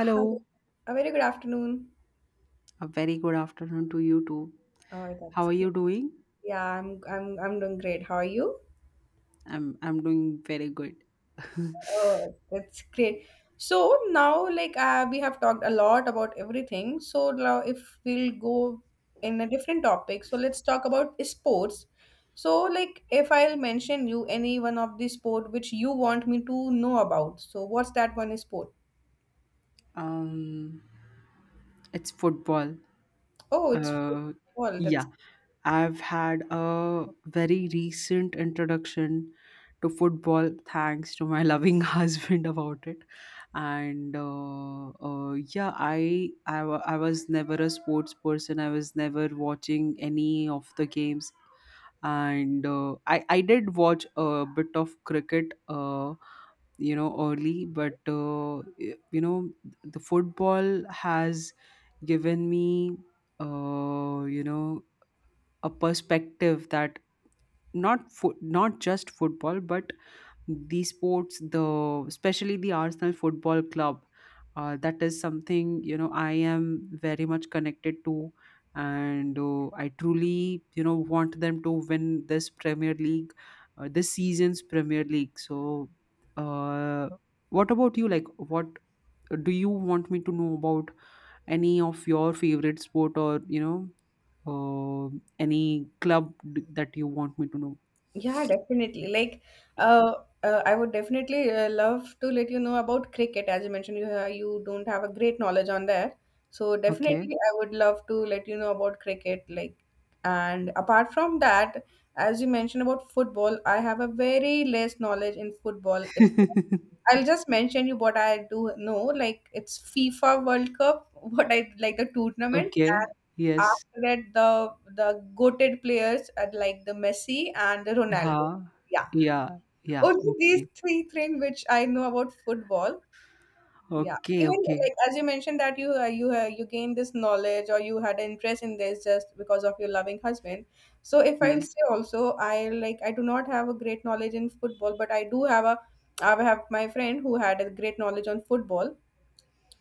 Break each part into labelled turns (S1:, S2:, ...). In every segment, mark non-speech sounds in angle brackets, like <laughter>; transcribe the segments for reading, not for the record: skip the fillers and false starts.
S1: Hi. A very good afternoon.
S2: a very good afternoon to you too.
S1: Oh,
S2: How
S1: that's
S2: are you
S1: great.
S2: doing?
S1: Yeah, I'm doing great. How are you?
S2: I'm doing very good.
S1: Oh, that's great. So now, like, we have talked a lot about everything. So now, if we'll go in a different topic, so let's talk about sports. So, like, if I'll mention you any one of the sport which you want me to know about, so what's that one sport?
S2: Um, it's football.
S1: Oh, it's
S2: Uh,
S1: football. That's
S2: yeah, I've had a very recent introduction to football thanks to my loving <laughs> husband about it. And yeah, I was never a sports person. I was never watching any of the games and I did watch a bit of cricket, you know, early, but you know, the football has given me, uh, you know, a perspective that not just football but the sports the especially the Arsenal Football Club, that is something, you know, I am very much connected to. And I truly, you know, want them to win this Premier League, this season's Premier League. So uh, what about you? Like, what do you want me to know about? Any of your favorite sport? Or, you know, uh, any that you want me to know?
S1: Yeah, definitely. Like, uh, I would definitely love to let you know about cricket. As you mentioned, you don't have a great knowledge on that, so
S2: Okay.
S1: definitely I would love to let you know about cricket. Like, and apart from that, as you mentioned about football, I have a very less knowledge in football. It's
S2: <laughs>
S1: I'll just mention you what I do know. Like, it's FIFA World Cup, <laughs> what I like, the tournament,
S2: Okay.
S1: and
S2: Yes.
S1: after that the the goated players are like the Messi and the Ronaldo.
S2: Ha.
S1: Yeah,
S2: Yeah. Yeah.
S1: only these
S2: Okay.
S1: three things which I know about football. Yeah,
S2: Okay.
S1: even
S2: Okay.
S1: like as you mentioned that you you you gained this knowledge or you had an interest in this just because of your loving husband. So if I'll
S2: Mm.
S1: say also, I like I do not have a great knowledge in football, but I do have a I have my friend who had a great knowledge on football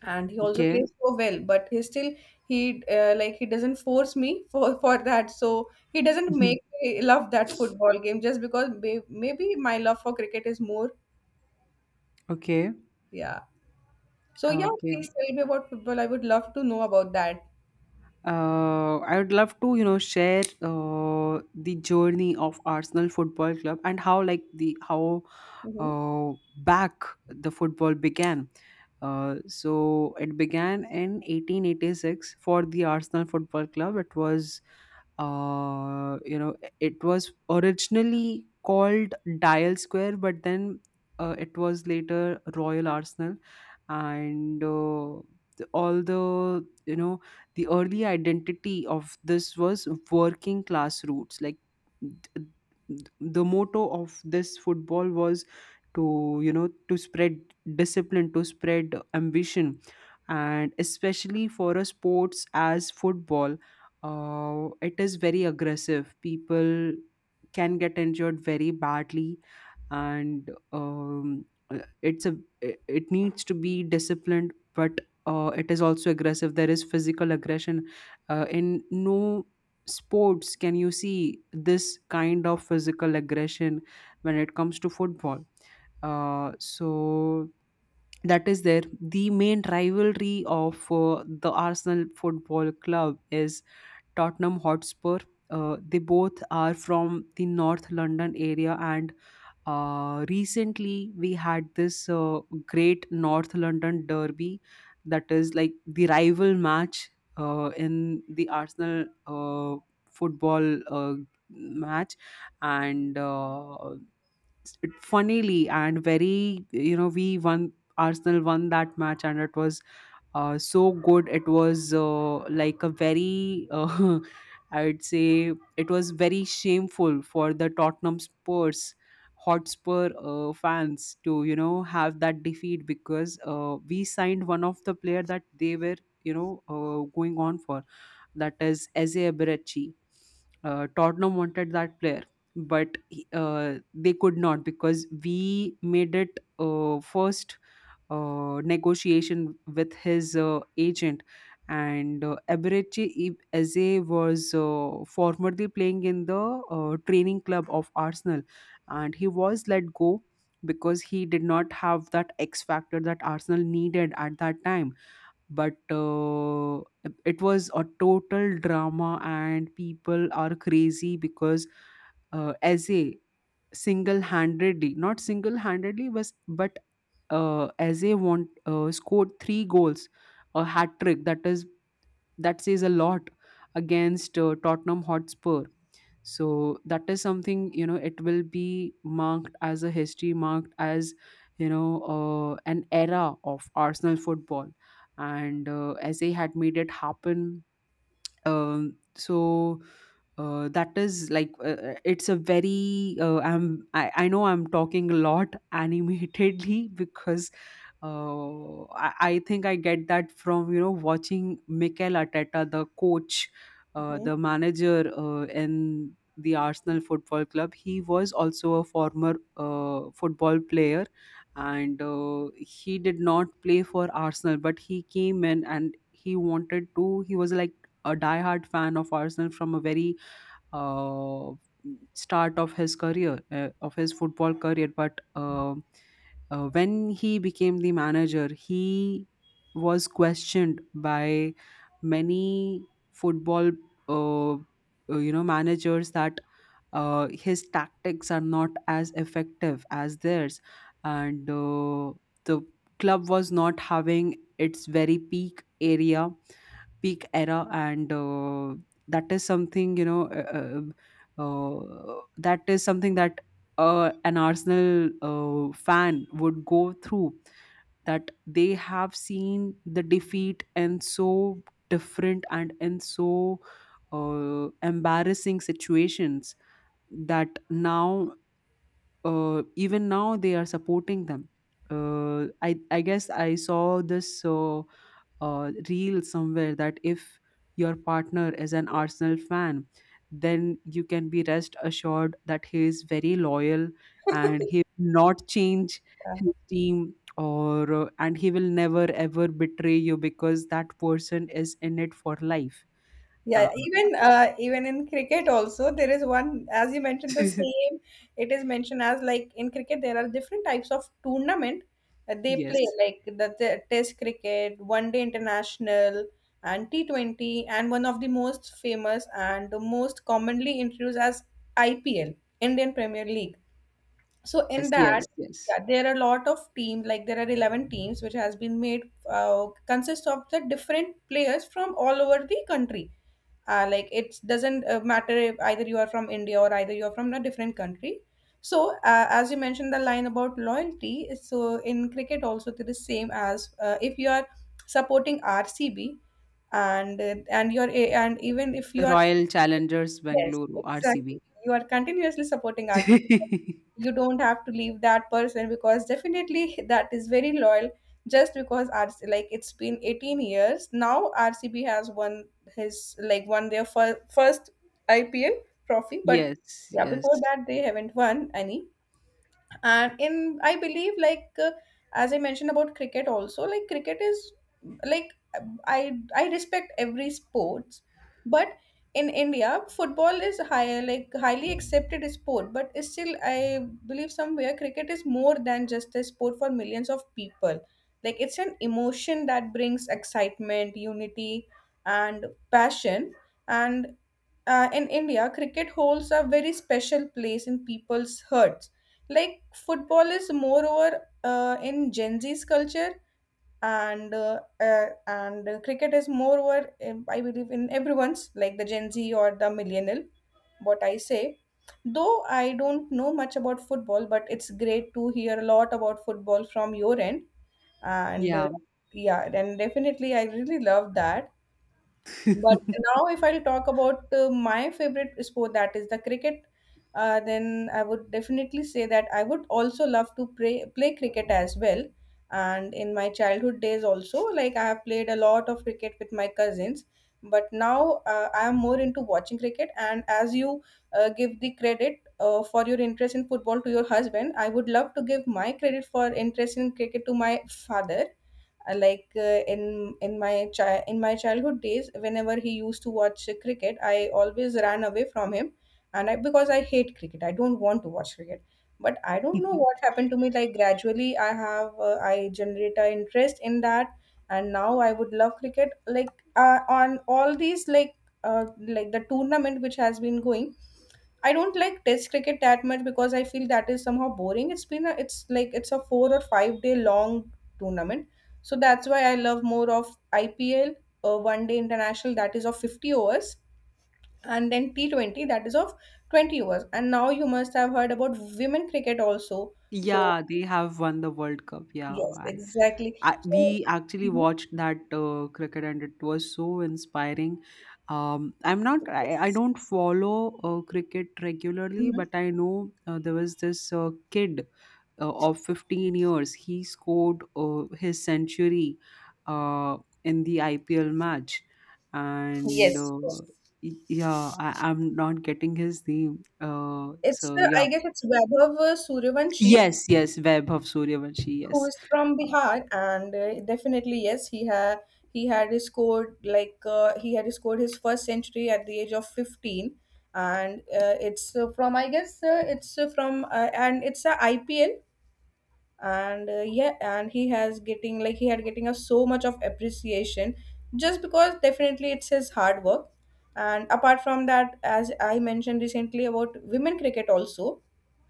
S1: and he also
S2: Okay.
S1: plays so well, but he still he like he doesn't force me for <laughs> for that. So he doesn't make
S2: <laughs>
S1: me love that football game just because may, maybe my love for cricket is more.
S2: Okay.
S1: Yeah. So yeah,
S2: Okay.
S1: please tell me about football. I would love to know about that.
S2: I would love to, you know, share the journey of Arsenal Football Club and how, like, the how
S1: Hmm
S2: uh, back the football began. So it began in 1886 for the Arsenal Football Club. It was, uh, you know, it was originally called Dial Square, but then it was later Royal Arsenal. And all the, you know, the early identity of this was working class roots. Like the motto of this football was to, you know, to spread discipline, to spread ambition, and especially for a sports as football, it is very aggressive. People can get injured very badly. And it's a it it needs to be disciplined, but it is also aggressive. There is physical aggression, in no sports can you see this kind of physical aggression when it comes to football. So that is there. The main rivalry of the Arsenal Football Club is Tottenham Hotspur. They both are from the North London area, and recently, we had this great North London derby, that is like the rival match in the Arsenal football match. And it, funnily and very, you know, we won. Arsenal won that match, and it was so good. It was like a very <laughs> I'd say it was very shameful for the Tottenham spurs Hotspur fans to, you know, have that defeat because we signed one of the player that they were, you know, going on for, that is Eze Eberechi. Tottenham wanted that player, they could not because we made it first negotiation with his agent. And Eberechi Eze was formerly playing in the training club of Arsenal, and he was let go because he did not have that X factor that Arsenal needed at that time. But it was a total drama, and people are crazy because Eze single-handedly not single-handedly was, but as a want scored three goals, a hat trick, that is, that says a lot, against Tottenham Hotspur. So that is something, you know, it will be marked as a history, marked as, you know, an era of Arsenal football. And SA had made it happen. So that is like it's a very I know I'm talking a lot <laughs> animatedly because I think I get that from, you know, watching Mikel Arteta, the coach,
S1: hmm
S2: the manager in the Arsenal Football Club. He was also a former football player, and he did not play for Arsenal, but he came in and he wanted to. He was like a diehard fan of Arsenal from a very uh, start of his career, of his football career. But when he became the manager, he was questioned by many football you know, managers that his tactics are not as effective as theirs. And the club was not having its very peak era. And that is something, you know, that is something that an Arsenal fan would go through, that they have seen the defeat in so different and in so embarrassing situations, that now even now they are supporting them. I guess I saw this reel somewhere that if your partner is an Arsenal fan, then you can be rest assured that he is very loyal and he
S1: <laughs>
S2: will not change
S1: Yeah.
S2: his team, or and he will never ever betray you because that person is in it for life. uh,
S1: Yeah, even even in cricket also, there is one, as you mentioned the
S2: <laughs>
S1: same. It is mentioned as, like, in cricket there are different types of tournament that they play,
S2: yes
S1: like the, test cricket, one day international, and T20, and one of the most famous and the most commonly introduced as IPL, Indian Premier League. So
S2: yes
S1: in that,
S2: yes yes
S1: yeah, there are a lot of team, like there are 11 teams which has been made, consists of the different players from all over the country. Like, it doesn't matter if either you are from India or either you are from a different country. So as you mentioned the line about loyalty, so in cricket also it is same as, if you are supporting RCB and even if you are.
S2: Royal Challengers
S1: Yes,
S2: Bengaluru (RCB).
S1: exactly. You are continuously supporting RCB.
S2: <laughs>
S1: You don't have to leave that person because definitely <laughs> that is very loyal. Just because RC like, it's been 18 years now, RCB has won his like won their first IPL trophy, but
S2: Yes,
S1: yeah,
S2: yes.
S1: before that they haven't won any. And in I believe, like, as I mentioned about cricket also, like cricket is, like, I respect every sports, but in India football is higher like highly accepted sport, but still I believe somewhere cricket is more than just a sport for millions of people. Like, it's an emotion that brings excitement, unity, and passion. And in India, cricket holds a very special place in people's hearts. Like football is moreover in Gen Z's culture, and cricket is moreover, I believe, in everyone's, like the Gen Z or the millennial. What I say, though, I don't know much about football, but it's great to hear a lot about football from your end. And
S2: Yeah.
S1: yeah, and definitely, I really love that. But now, if I'll talk about my favorite sport, that is the cricket, then I would definitely say that I would also love to play cricket as well. And in my childhood days, also, like, I have played a lot of cricket with my cousins. But now I am more into watching cricket. And as you give the credit for your interest in football to your husband, I would love to give my credit for interest in cricket to my father, like, in my childhood days, whenever he used to watch cricket, I always ran away from him, and I because I hate cricket, I don't want to watch cricket. But I don't know what happened to me. Like, gradually, I generate an interest in that, and now I would love cricket. Like, on all these, uh, the tournament which has been going. I don't like test cricket that much because I feel that is somehow boring. It's been a, it's like it's a 4 or 5 day long tournament. So that's why I love more of IPL, one day international that is of 50 overs, and then T20 that is of 20 overs. And now you must have heard about women cricket also. So
S2: Yeah, they have won the World Cup. Yeah,
S1: yes,
S2: man.
S1: exactly.
S2: I,
S1: So
S2: we actually
S1: mhm,
S2: watched that cricket and it was so inspiring. I
S1: yes.
S2: don't follow cricket regularly,
S1: Mhm.
S2: but I know there was this kid of 15 years, he scored his century uh, in the IPL match. And
S1: Yes, yes.
S2: yeah, I, I'm not getting his name.
S1: It's
S2: So yeah,
S1: I guess it's Vaibhav Suryavanshi,
S2: yes, yes, Vaibhav Suryavanshi.
S1: who
S2: Yes,
S1: is from
S2: Uh,
S1: Bihar, and definitely yes, he had scored like he had scored his first century at the age of 15, and it's, from I guess, it's from and it's a IPL, and yeah, and he had getting a so much of appreciation just because definitely it's his hard work. And apart from that, as I mentioned recently about women cricket also,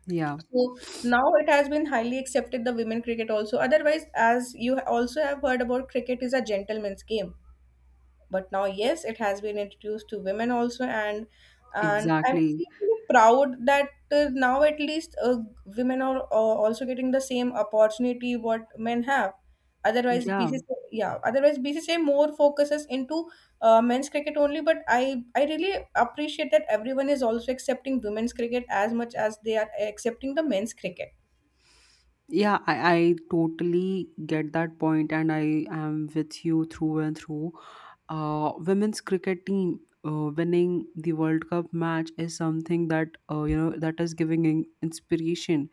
S2: yeah,
S1: so now it has been highly accepted, the women cricket also. Otherwise, as you also have heard about, cricket is a gentleman's game. But now, yes, it has been introduced to women also, and I'm
S2: exactly.
S1: really proud that now at least women are also getting the same opportunity what men have. Otherwise,
S2: Yeah.
S1: BCCI, yeah, otherwise BCCI more focuses into men's cricket only. But I really appreciate that everyone is also accepting women's cricket as much as they are accepting the men's cricket.
S2: Yeah, I totally get that point, and I am with you through and through. Women's cricket team winning the World Cup match is something that, you know, that is giving inspiration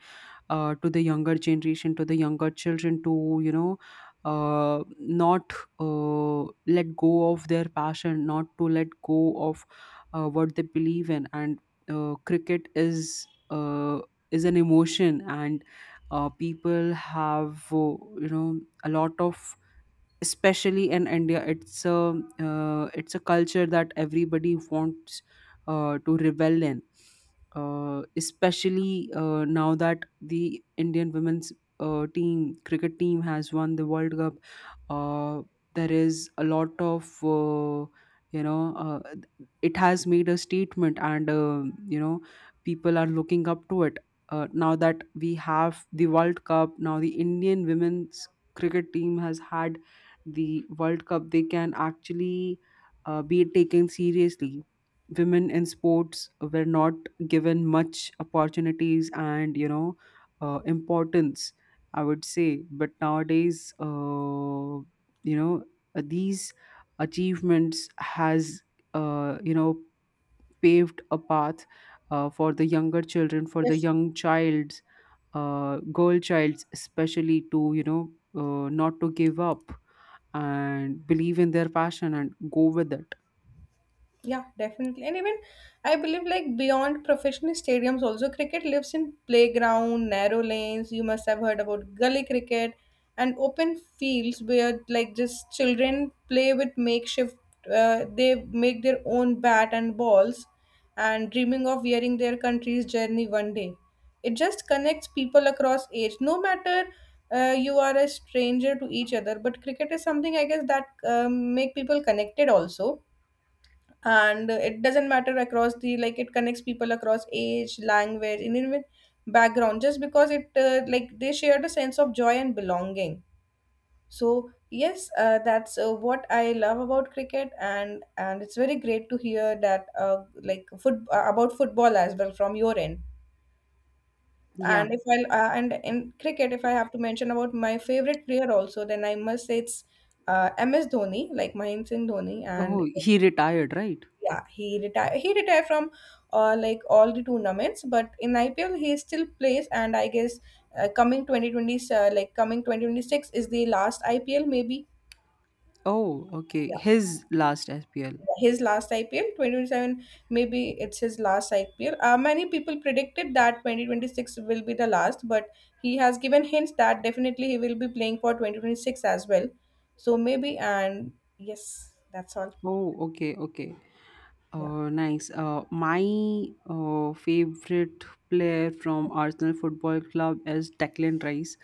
S2: to the younger generation, to the younger children, to, you know, not let go of their passion, not to let go of what they believe in. And cricket is an emotion, and people have, a lot of, especially in India, it's a culture that everybody wants to revel in, especially now that the Indian women's team cricket team has won the World Cup. uh, there is a lot of, you know it has made a statement. And, you know people are looking up to it. Now that we have the World Cup, now the Indian women's cricket team has had the World Cup, they can actually be taken seriously. Women in sports were not given much opportunities and, you know, importance, I would say. But nowadays, you know, these achievements has, uh, you know paved a path for the younger children, for the
S1: Yes.
S2: young child, girl childs especially, to, you know, not to give up and believe in their passion and go with it.
S1: Yeah, definitely. And even, I believe, like, beyond professional stadiums also cricket lives in playground, narrow lanes. You must have heard about gully cricket and open fields, where, like, just children play with makeshift, they make their own bat and balls and dreaming of wearing their country's journey one day. It just connects people across age. No matter, you are a stranger to each other, but cricket is something, I guess, that make people connected also, and it doesn't matter across the, like, it connects people across age, language, and even background, just because it, like, they shared a sense of joy and belonging. So yes, that's, what I love about cricket. And it's very great to hear that, like, foot about football as well from your end.
S2: Yeah.
S1: And if I, and in cricket, if I have to mention about my favorite player also, then I must say it's MS Dhoni, like, Mahendra Singh Dhoni. And
S2: Oh, he retired, right?
S1: yeah, he retired from, like, all the tournaments, but in IPL he still plays. And I guess, uh, coming 2020 uh, like coming 2026 is the last IPL, maybe.
S2: Oh, okay, his last SPL.
S1: Yeah, his last IPL 2027, maybe it's his last IPL. Many people predicted that 2026 will be the last, but he has given hints that definitely he will be playing for 2026 as well. So maybe. And yes, that's all.
S2: Oh, okay, okay.
S1: Yeah.
S2: Nice. My favorite player from Arsenal Football Club is Declan Rice.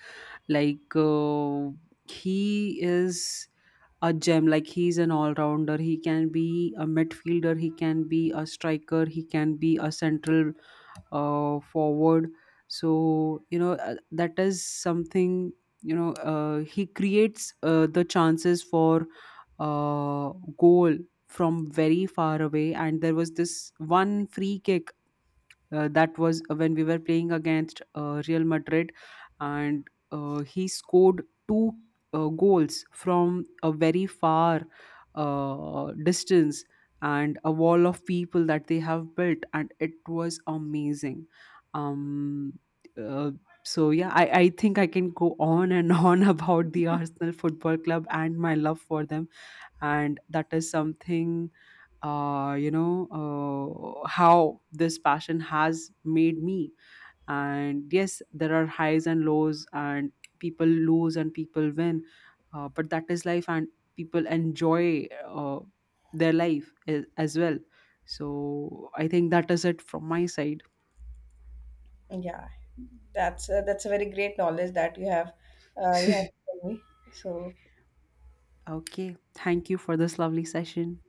S2: like uh, he is a gem. Like, he's an all-rounder. He can be a midfielder, he can be a striker, he can be a central forward. So, you know, that is something, you know, he creates the chances for uh, goal from very far away. And there was this one free kick that was when we were playing against Real Madrid, and he scored two goals from a very far distance, and a wall of people that they have built. And it was amazing. um uh, so yeah, I think I can go on and <laughs> on about the Arsenal Football Club and my love for them. And that is something, uh you know how this passion has made me. And yes, there are highs and lows, and people lose and people win. But that is life, and people enjoy their life as well. So I think that is it from my side.
S1: Yeah, that's a very great knowledge that you have, you have
S2: <laughs>
S1: told me. So
S2: Okay, thank you for this lovely session.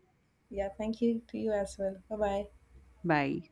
S1: yeah, thank you to you as well. Bye bye.
S2: Bye.